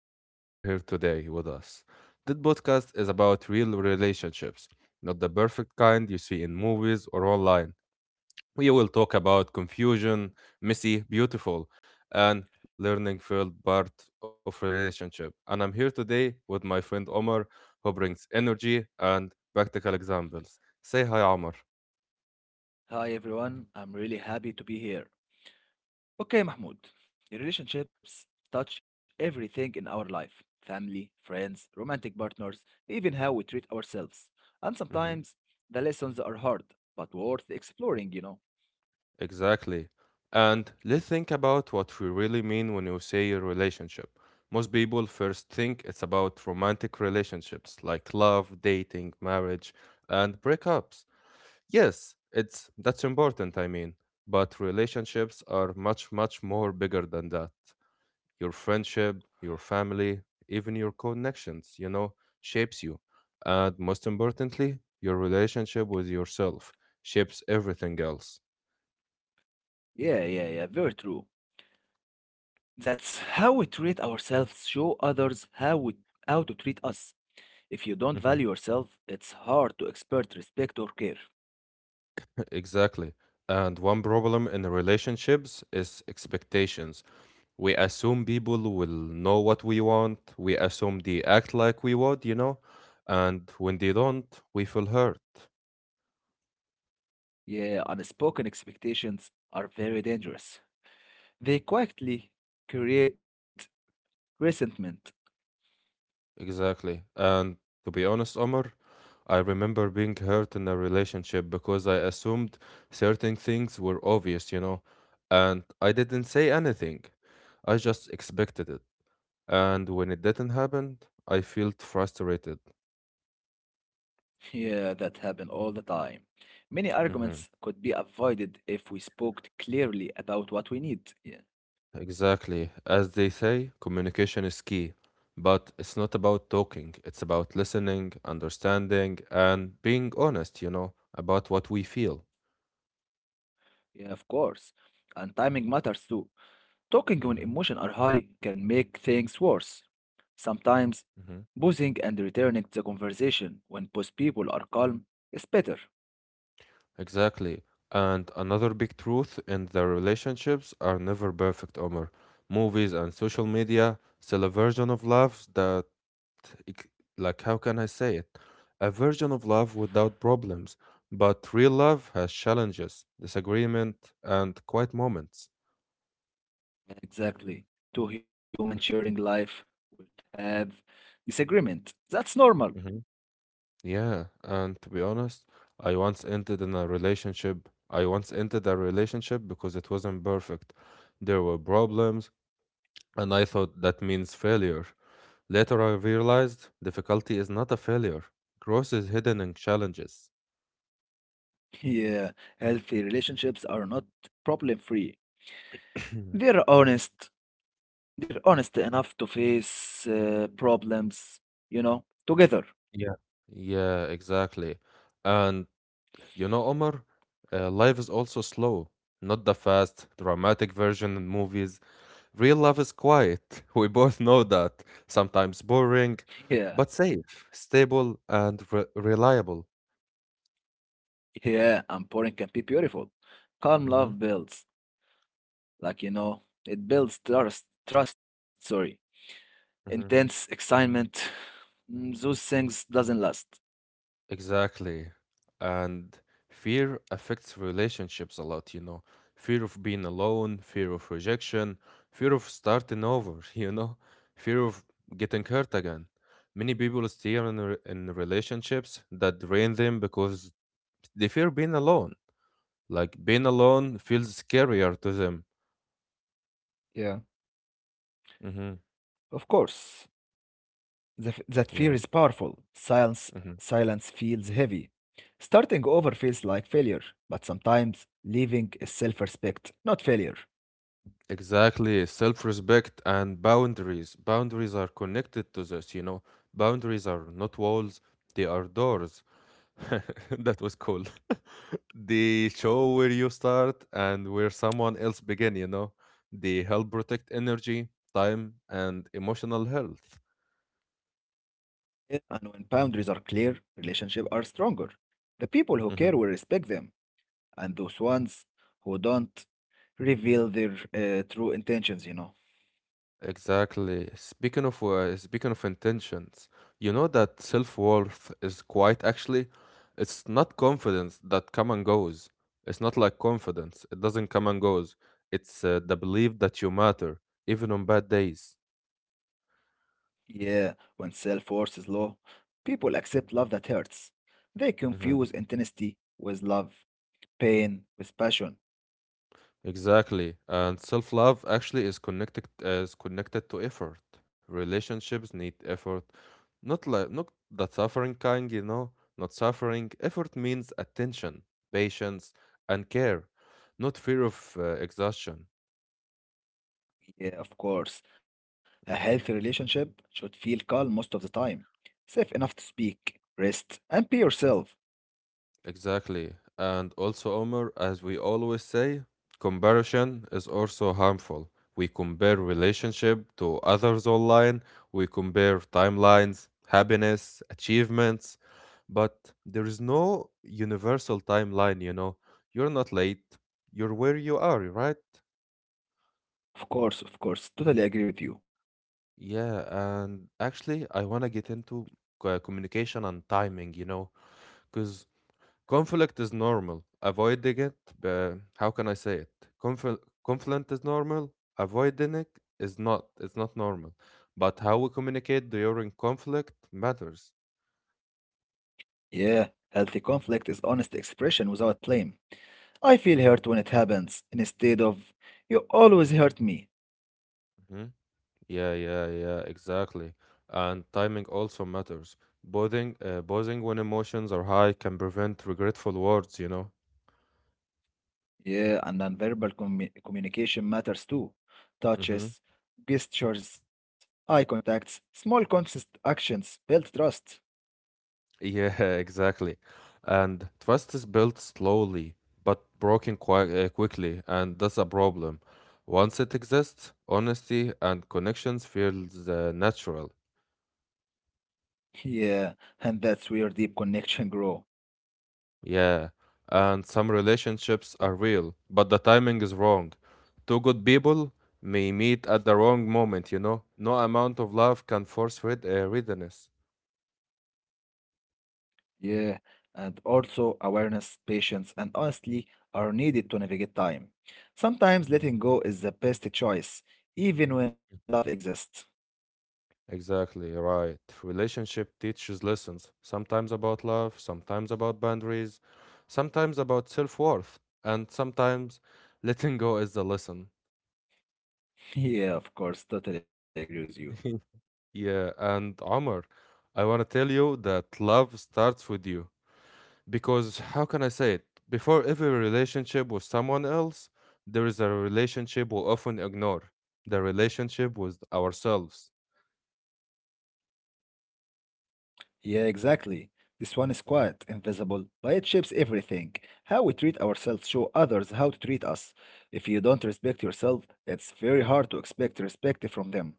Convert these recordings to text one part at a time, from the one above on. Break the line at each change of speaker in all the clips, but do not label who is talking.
and I'm glad you're here today with us. This podcast is about real relationships, not the perfect kind you see in movies or online. We will talk about confusion, messy, beautiful, and learning filled part of relationship. And I'm here today with my friend Omar, who brings energy and practical examples. Say hi, Omar.
Hi everyone, I'm really happy to be here. Okay, Mahmoud, relationships touch everything in our life family, friends, romantic partners, even how we treat ourselves. And sometimes
Mm-hmm.
the lessons are hard, but worth exploring,
Exactly. And let's think about what we really mean when you say a relationship. Most people first think it's about romantic relationships like love, dating, marriage, and breakups. Yes, it's that's important, I mean, but relationships are much more bigger than that. Your friendship, your family, even your connections, shapes you. And most importantly, your relationship with yourself shapes everything else.
Yeah, yeah, yeah, very true. That's how we treat ourselves, show others how to treat us. If you don't
Mm-hmm.
value yourself, it's hard to expect respect or care.
Exactly. And one problem in relationships is expectations. We assume people will know what we want. We assume they act like we would, you know? And when they don't, we feel hurt.
Yeah, unspoken expectations are very dangerous. They quietly create resentment.
Exactly. And to be honest, Omar, I remember being hurt in a relationship because I assumed certain things were obvious, you know? And I didn't say anything. I just expected it. And when it didn't happen, I felt frustrated.
Yeah, that happens all the time. Many
Mm-hmm.
arguments could be avoided if we spoke clearly about what we need. Yeah,
Exactly. As they say, communication is key, but it's not about talking, it's about listening, understanding, and being honest, about what we feel.
yeah, of course. And timing matters too. Talking when
Hmm
emotions are high can make things worse. Sometimes,
hmm
pausing and returning to the conversation when both people are calm is better.
Exactly. And another big truth in the relationships are never perfect, Omar. Movies and social media sell a version of love that ex- like how can I say it? A version of love without problems, but real love has challenges, disagreement, and quiet moments.
Exactly. Two humans sharing life will have disagreement. That's normal.
Hmm Yeah, and to be honest, I once entered in a relationship. I once entered a relationship because it wasn't perfect. There were problems, and I thought that means failure. Later, I realized difficulty is not a failure. Growth is hidden in challenges.
Yeah, healthy relationships are not problem-free. They're honest. They're honest enough to face problems, you know, together.
Yeah. Yeah, exactly. And you know, Omar, life is also slow. Not the fast, dramatic version in movies. Real love is quiet. We both know that. Sometimes boring,
Yeah,
but safe, stable, and reliable.
yeah, and pouring can be beautiful. Calm
Mm-hmm.
love builds, like, you know, it builds trust, sorry. Intense
Mm-hmm.
excitement, those things doesn't last.
Exactly. And fear affects relationships a lot, you know. Fear of being alone, fear of rejection, fear of starting over, you know, fear of getting hurt again. Many people stay in relationships that drain them because they fear being alone. Like being alone feels scarier to them.
Yeah,
Mm-hmm.
of course. The that fear is
Yeah.
powerful. Silence,
Mm-hmm.
silence feels heavy. Starting over feels like failure, but sometimes leaving is self respect, not failure.
Exactly, self-respect and boundaries. Boundaries are connected to this, you know. Boundaries are not walls, they are doors. That was cool. They show where you start and where someone else begin, you know. They help protect energy, time, and emotional health.
Yeah, and when boundaries are clear, relationships are stronger. The people who care
Mm-hmm.
will respect them, and those ones who don't reveal their true intentions, you know.
Exactly. Speaking of intentions, you know that self-worth is quite actually, it's not confidence that come and goes. It's not like confidence. It doesn't come and goes. It's the belief that you matter, even on bad days.
Yeah, when self worth is low, people accept love that hurts. They
Hmm
confuse intensity with love, pain with passion.
Exactly. And self-love actually is connected to effort. Relationships need effort. Not that suffering kind, you know, not suffering. Effort means attention, patience, and care, not fear of exhaustion.
Yeah, of course. A
Mhm.
healthy relationship should feel calm most of the time, safe enough to speak, rest, and be yourself.
Exactly. And also, Omar, as we always say, comparison is also harmful. We compare relationship to others online, we compare timelines, happiness, achievements, but there is no universal timeline, you know. You're not late, you're where you are, right?
Of course, of course. Totally agree with you.
Yeah, and actually, I want to get into communication and timing, you know, because conflict is normal. Avoiding it, how can I say it? Confl Conflict is normal. Avoiding it is not. It's not normal. But how we communicate during conflict matters.
Yeah, healthy conflict is honest expression without blame. I feel hurt when it happens, instead of, you always hurt me.
Mhm. Yeah, exactly. And timing also matters. Pausing when emotions are high can prevent regretful words, you know.
Yeah, and nonverbal communication matters too.
Hmm
Touches, gestures, eye contacts, small consist actions build trust.
Yeah, exactly. And trust is built slowly, but broken quite quickly, and that's a problem. Once it exists, honesty and connections feels natural.
Yeah, and that's where deep connection grow.
Yeah, and some relationships are real, but the timing is wrong. Two good people may meet at the wrong moment, you know? No amount of love can force readiness.
Yeah, and also awareness, patience, and honestly are needed to navigate time. Sometimes letting go is the best choice, even when love
Mhm.
exists.
Exactly right. Relationship teaches lessons, sometimes about love, sometimes about boundaries, sometimes about self worth, and sometimes letting go is the lesson.
Yeah, of course, totally agree with you.
Yeah, and Omar, I want to tell you that love starts with you. Because how can I say it? Before every relationship with someone else, there is a relationship we often ignore the relationship with ourselves.
Yeah, exactly. This one is quiet, invisible, but it shapes everything. How we treat ourselves show others how to treat us. If you don't respect yourself, it's very hard to expect respect from them.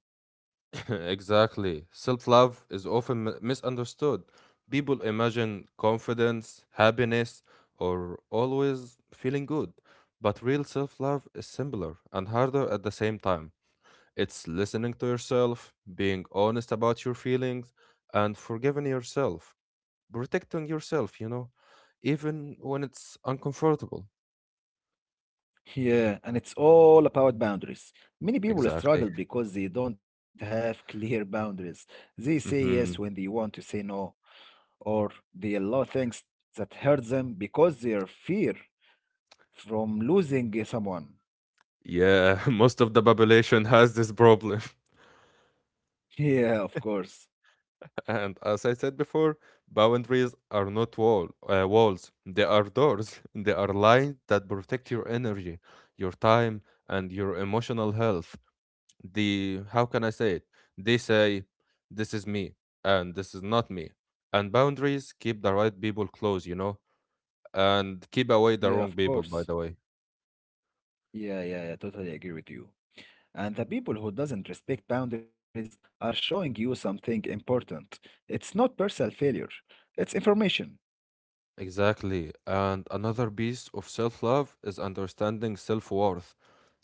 Exactly. Self love is often misunderstood. People imagine confidence, happiness, or always feeling good. But real self love is simpler and harder at the same time. It's listening to yourself, being honest about your feelings, and forgiving yourself, protecting yourself, even when it's uncomfortable.
Yeah, and it's all about boundaries. Many people
Exactly.
struggle because they don't have clear boundaries. They say yes when they
hmm
want to say no, or they allow things that hurt them because their fear from losing someone.
Yeah, most of the population has this problem.
Yeah, of course.
And as I said before, boundaries are not walls. They are doors. They are lines that protect your energy, your time, and your emotional health. The how can I say it? They say, "This is me," and "This is not me." And boundaries keep the right people close, and keep away
Yeah,
the
of
wrong people.
course.
By the way.
Yeah, yeah, yeah, totally agree with you. And the people who doesn't respect boundaries are showing you something important. It's not personal failure. It's information.
Exactly. And another piece of self love is understanding self worth.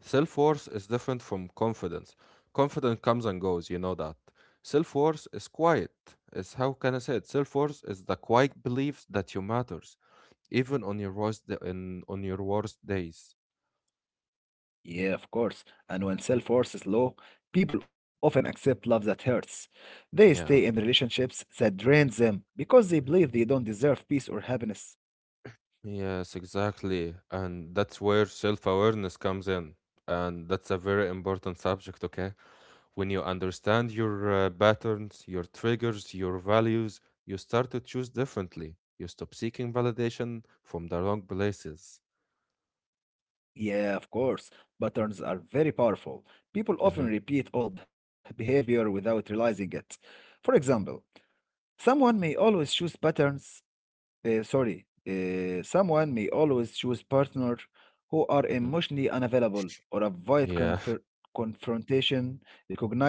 Self worth is different from confidence. Confidence comes and goes, you know that. Self worth is quiet. Is how can I say it? Self worth is the quiet belief that you matters, even on your worst days.
Yeah, of course. And when self worth is low, people often accept love that hurts. They stay in
Yeah.
relationships that drain them because they believe they don't deserve peace or happiness.
Yes, exactly. And that's where self awareness comes in. And that's a very important subject, okay? When you understand your patterns, your triggers, your values, you start to choose differently. You stop seeking validation from the wrong places.
Yeah, of course. Patterns are very powerful. People often
Hmm
repeat old behavior without realizing it. For example, someone may always choose patterns someone may always choose partners who are
hmm
emotionally unavailable or avoid
Yeah,
confrontation.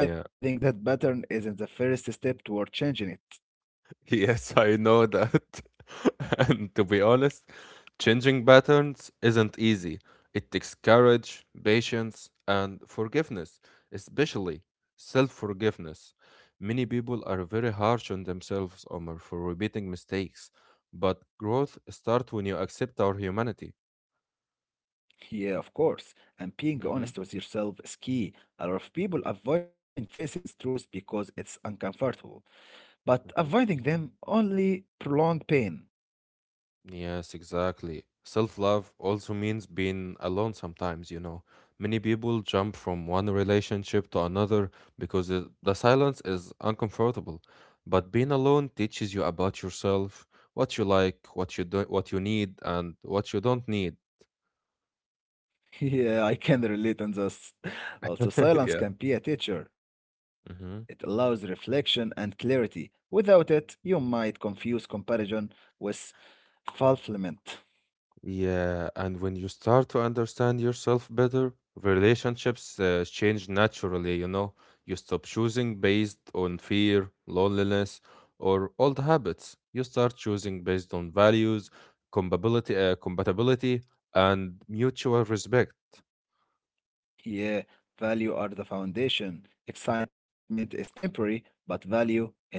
yeah.
that pattern isn't the first step toward changing it.
Yes, I know that. And to be honest, changing patterns isn't easy. It takes courage, patience, and forgiveness, especially self forgiveness. Many people are very harsh on themselves Omar, for repeating mistakes, but growth starts when you accept our humanity.
Yeah, of course. And being
Mhm,
honest with yourself is key. A lot of people avoid facing truth because it's uncomfortable, but avoiding
mhm.
them only prolong pain.
Yes, exactly. Self love also means being alone sometimes, you know. Many people jump from one relationship to another because the silence is uncomfortable. But being alone teaches you about yourself, what you like, what you do, what you need, and what you don't need.
Yeah, I can relate on this. Also, silence can be a teacher. It
Yeah.
allows reflection and clarity. Without it, you might confuse comparison with fulfillment.
Yeah, and when you start to understand yourself better, relationships change naturally, you know. You stop choosing based on fear, loneliness, or old habits. You start choosing based on values, compatibility, and mutual respect.
Yeah, value are the foundation. Excitement is temporary, but value endure.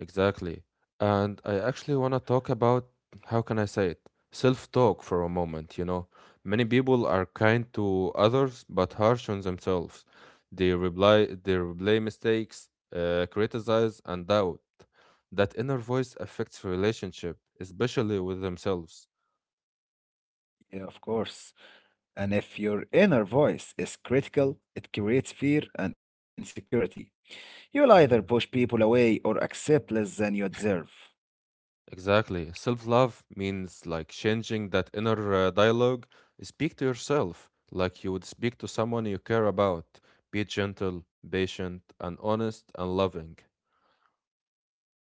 Exactly. And I actually want to talk about how can I say it? Self-talk for a moment, you know. Many people are kind to others but harsh on themselves. They replay mistakes, criticize and doubt. That inner voice affects relationship, especially with themselves.
Yeah, of course. And if your inner voice is critical, it creates fear and insecurity. You'll either push people away or accept less than you deserve.
Exactly. Self love means like changing that inner dialogue. Speak to yourself like you would speak to someone you care about. Be gentle, patient, and honest and loving.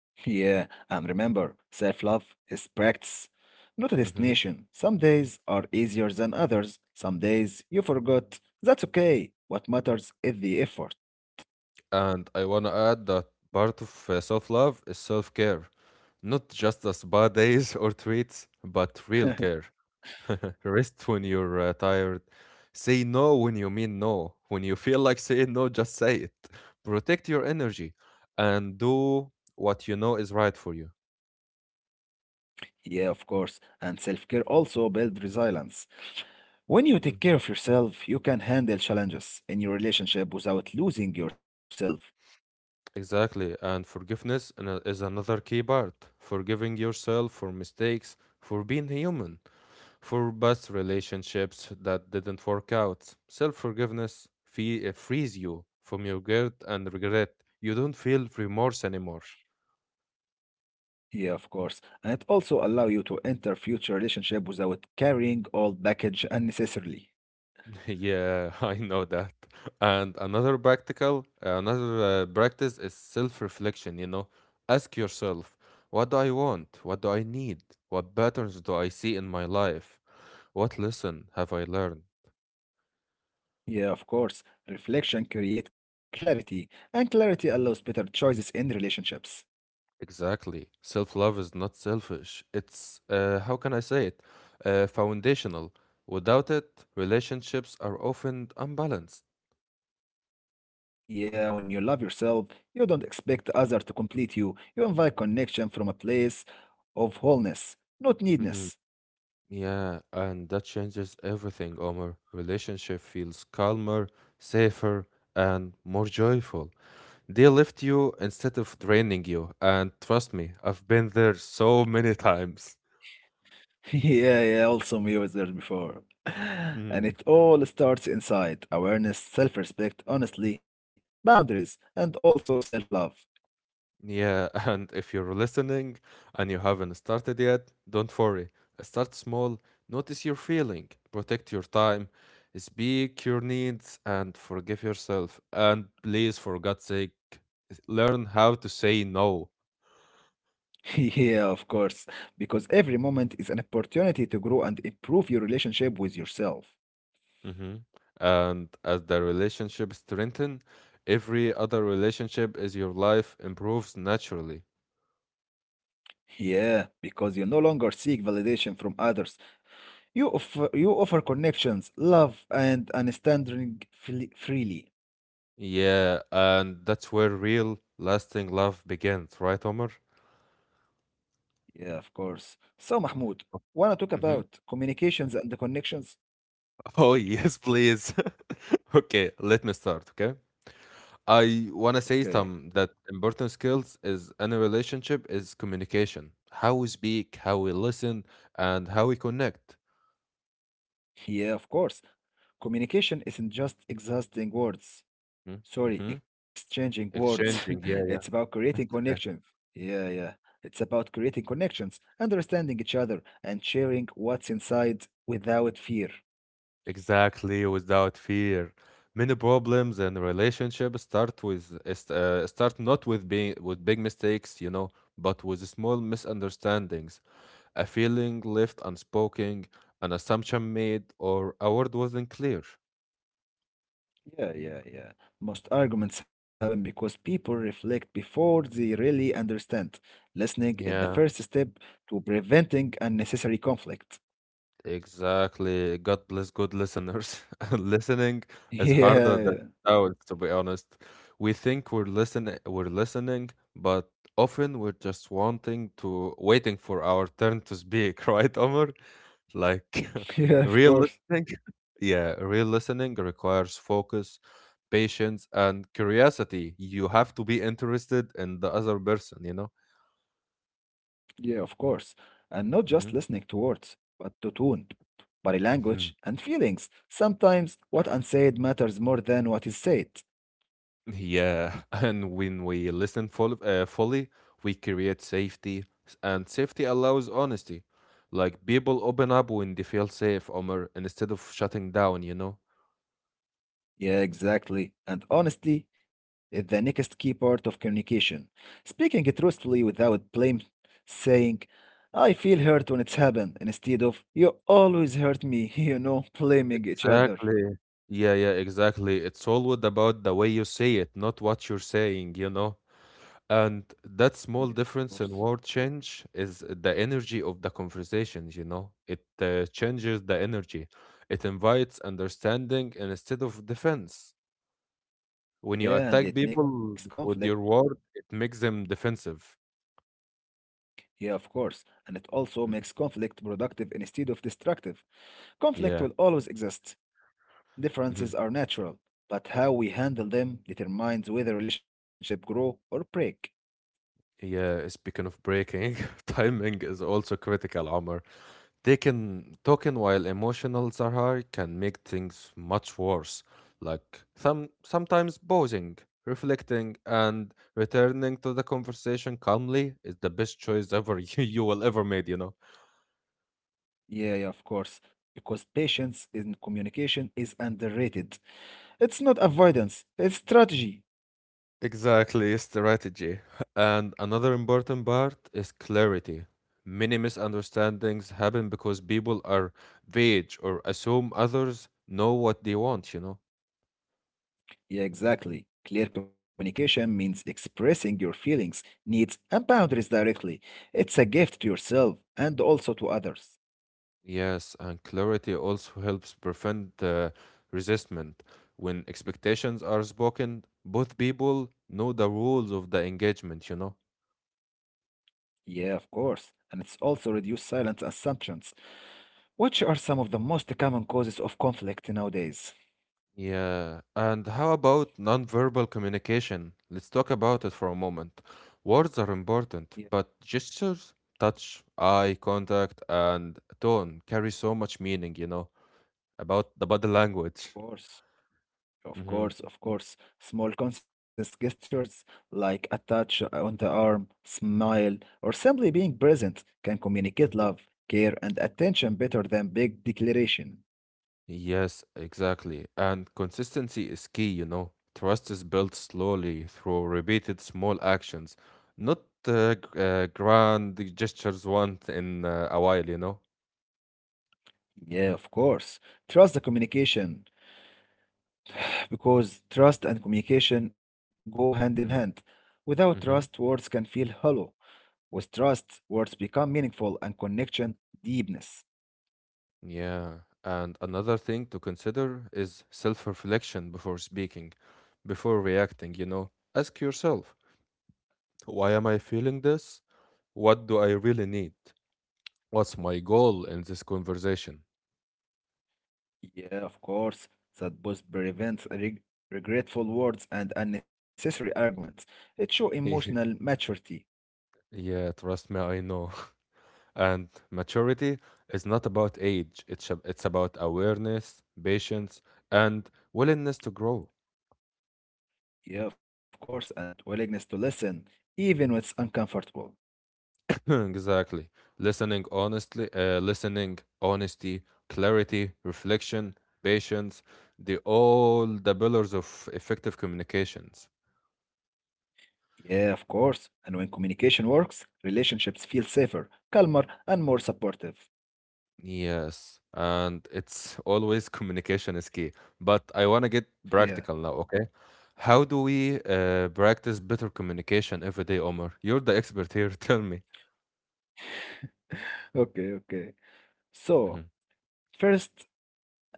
Yeah, and remember, self-love is practice, not a
Hmm
destination. Some days are easier than others. Some days you forgot. That's okay. What matters is the effort.
And I want to add that part of self love is self care, not just the spa days or treats, but real care. Rest when you're tired. Say no when you mean no. When you feel like saying no, just say it. Protect your energy and do what you know is right for you.
Yeah, of course. And self-care also builds resilience. When you take
Mhm.
care of yourself, you can handle challenges in your relationship without losing yourself.
Exactly. And is another key part. Forgiving yourself for mistakes, for being human, for past relationships that didn't work out. Self forgiveness frees you from your guilt and regret. You don't feel remorse anymore.
Yeah, of course. And it also allow you to enter future relationship without carrying all baggage unnecessarily.
Yeah, I know that. And another practice is self-reflection, you know. Ask yourself, what do I want? What do I need? What patterns do I see in my life? What lesson have I learned?
Yeah, of course. Reflection creates clarity, and clarity allows better choices in relationships.
Exactly. Self-love is not selfish. It's, how can I say it? Foundational. Without it, relationships are often unbalanced.
Yeah, when you love yourself, you don't expect the other to complete you. You invite connection from a place of wholeness, not
Mm-hmm.
needness.
Yeah, and that changes everything, Omar. Relationship feels calmer, safer, and more joyful. They lift you instead of draining you, and trust me, I've been there so many times.
yeah, yeah, also me was there before. And
Hmm.
it all starts inside awareness, self respect, honestly, boundaries, and also self love.
Yeah, and if you're listening and you haven't started yet, don't worry. Start small, notice your feeling, protect your time, speak your needs, and forgive yourself. And please, for God's sake, learn how to say no.
Yeah, of course, because every moment is an opportunity to grow and improve your relationship with yourself.
hmm And as the relationship strengthen, every other relationship is your life improves naturally.
Yeah, because you no longer seek validation from others. You offer connections, love, and understanding freely.
Yeah, and that's where real lasting love begins, right, Omar?
Yeah, of course. So, Mahmoud, wanna talk
Mm-hmm.
about communications and the connections?
Oh, yes, please. Okay, let me start, okay? I want to
Okay.
say some that important skills is in a relationship is communication. How we speak, how we listen, and how we connect.
Yeah, of course. Communication isn't just exhausting words. Sorry,
Mm-hmm.
exchanging words.
Exchanging,
It's
yeah,
about
yeah.
creating connections. Yeah, yeah. It's about creating connections, understanding each other, and sharing what's inside without fear.
Exactly, without fear. Many problems and relationships start with is- start not with being with big mistakes, you know, but with small misunderstandings, a feeling left unspoken, an assumption made, or a word wasn't clear.
Yeah, yeah, yeah. Most arguments happen because people reflect before they really understand. Listening is the first
Yeah.
step to preventing unnecessary conflict.
Exactly. God bless good listeners. Listening is
Yeah,
harder than
yeah,
sounds, to be honest. We think we're listening, but often we're just wanting to, waiting for our turn to speak, right, Omar? Like
yeah, of
real
course.
listening. Yeah, real listening requires focus, patience, and curiosity. You have to be interested in the other person, you know?
Yeah, of course. And not just
Mm-hmm.
listening to words, but to tone, body
Mm-hmm.
language, and feelings. Sometimes what unsaid matters more than what is said.
Yeah, and when we listen fully, we create safety, and safety allows honesty. Like people open up when they feel safe, Omar, instead of shutting down, you know?
Yeah, exactly. And honesty is the next key part of communication. Speaking truthfully without blame, saying, "I feel hurt when it's happened," instead of, "you always hurt me," you know, blaming each other.
Exactly. Yeah, yeah, exactly. It's always about the way you say it, not what you're saying, you know? And that
Yeah,
small
of course.
difference in word change is the energy of the conversations, you know? It changes the energy. It invites understanding instead of defense. When you
Yeah, and
attack
it makes
people
conflict.
with your word, it makes them defensive.
Yeah, of course. And it also makes
Mhm.
conflict productive instead of destructive. Conflict will
Yeah.
always exist.
Hmm.
Differences are natural, but how we handle them determines whether relationship grow or break.
Yeah. Speaking of breaking, timing is also critical, Omar. Taking, talking while emotional, Zahar, can make things much worse. Like sometimes pausing, reflecting, and returning to the conversation calmly is the best choice ever you will ever made, you know.
Yeah, yeah, of course. Because patience in communication is underrated. It's not avoidance, it's strategy.
Exactly, strategy. And another important part is clarity. Many misunderstandings happen because people are vague or assume others know what they want, you know?
Yeah, exactly. Clear communication means expressing your feelings, needs, and boundaries directly. It's a gift to yourself and also to others.
Yes, and clarity also helps prevent resistment. When expectations are spoken, both people know the rules of the engagement, you know?
Yeah, of course. And it's also reduced silent assumptions, which are some of the most common causes of conflict nowadays.
Yeah, and how about nonverbal communication? Let's talk about it for a moment. Words are
Yeah, of
important, but gestures, touch, eye contact, and tone carry so much meaning, you know, about the body language.
course. Of
Hmm.
course, of course. Small conscious gestures like a touch on the arm, smile, or simply being present can communicate love, care, and attention better than big declaration.
Yes, exactly. And consistency is key, you know. Trust is built slowly through repeated small actions, not grand gestures once in a while, you know.
Yeah, of course. Trust the communication because trust and communication go hand in hand. Without trust,
Mm-hmm.
words can feel hollow. With trust, words become meaningful and connection deepness.
Yeah, and another thing to consider is self-reflection before speaking, before reacting, you know. Ask yourself, why am I feeling this? What do I really need? What's my goal in this conversation?
Yeah, of course, that both prevents regretful words and unnecessary arguments. It shows emotional maturity.
Yeah, trust me, I know. And maturity is not about age, it's about awareness, patience, and willingness to grow.
Yeah, of course, and willingness to listen, even when it's uncomfortable.
Exactly. Listening, honesty, clarity, reflection, patience, the all the pillars of effective communications.
Yeah, of course, and when communication works, relationships feel safer, calmer, and more supportive.
Yes, and it's always communication is key. But I want to get practical
Yeah,
now, okay? How do we practice better communication every day, Omar? You're the expert here, tell me.
okay, okay. So, first,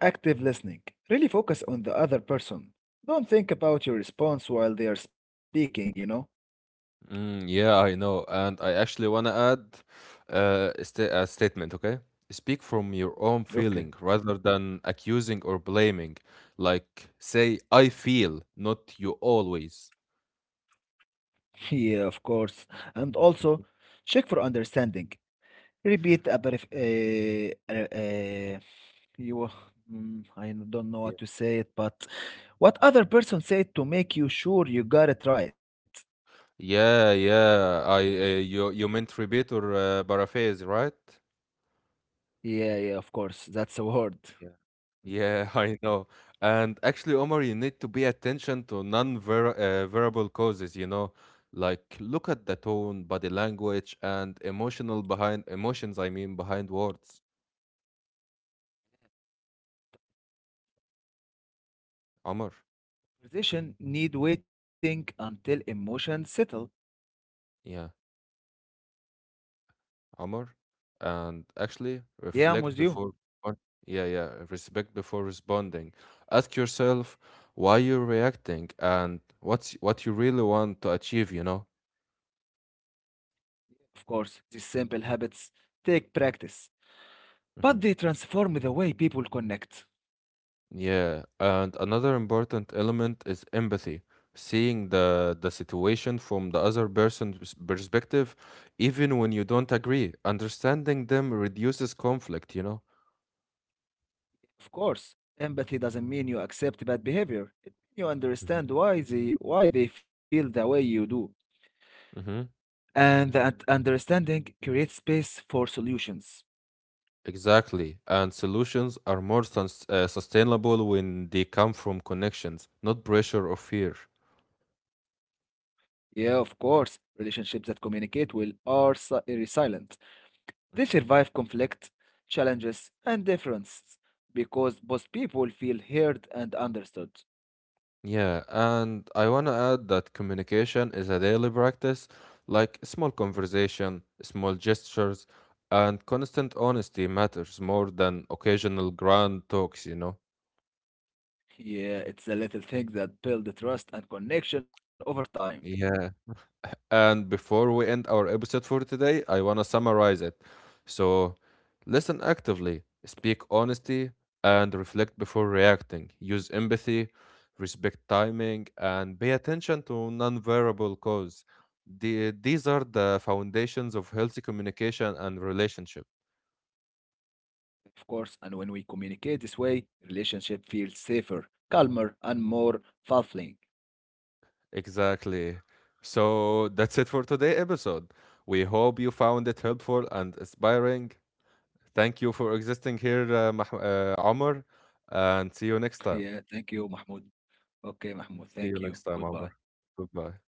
active listening. Really focus on the other person. Don't think about your response while they are speaking, you know?
Mm, yeah, I know. And I actually want to add a statement, okay? Speak from your own
Okay.
feeling rather than accusing or blaming. Like, say, I feel, not you always.
Yeah, of course. And also, check for understanding. Repeat a brief. You, I don't know
Yeah,
what to say it, but what other person said to make you sure you got it right.
yeah. Yeah, I you meant rebate or paraphrase, right?
Yeah, yeah, of course. That's a word.
Yeah, I know. And actually, Omar, you need to pay attention to non-ver verbal causes, you know, like look at the tone, body language, and emotional behind emotions, I mean, behind words. Omar,
Conversation need waiting until emotions settle.
yeah, Omar. And actually,
Yeah, I'm with you.
or- yeah, yeah, respect before responding. Ask yourself why you're reacting and what you really want to achieve, you know?
Of course, these simple habits take practice, but
Mm-hmm.
they transform the way people connect.
Yeah, and another important element is empathy, seeing the situation from the other person's perspective, even when you don't agree. Understanding them reduces conflict, you know?
Of course, empathy doesn't mean you accept bad behavior. It means you
Hmm.
understand why they feel the way you do.
Hmm.
And that understanding creates space for solutions.
Exactly. And solutions are more sustainable when they come from connections, not pressure or fear.
Yeah, of course, relationships that communicate will are resilient. They survive conflict, challenges, and differences because both people feel heard and understood.
Yeah, and I want to add that communication is a daily practice, like small conversation, small gestures, and constant honesty matters more than occasional grand talks, you know?
Yeah, it's the little things that build the trust and connection over time.
Yeah. And before we end our episode for today, I want to summarize it. So, listen actively, speak honesty, and reflect before reacting. Use empathy, respect timing, and pay attention to non variable cause. These are the foundations of healthy communication and relationship.
Of course, and when we communicate this way, relationship feels safer, calmer, and more fulfilling.
Exactly. So, that's it for today's episode. We hope you found it helpful and inspiring. Thank you for existing here, Mah Omar, and see you next time.
Yeah, thank you, Mahmoud. Okay, Mahmoud,
See you
thank you.
next time, Omar.
Goodbye.
Goodbye.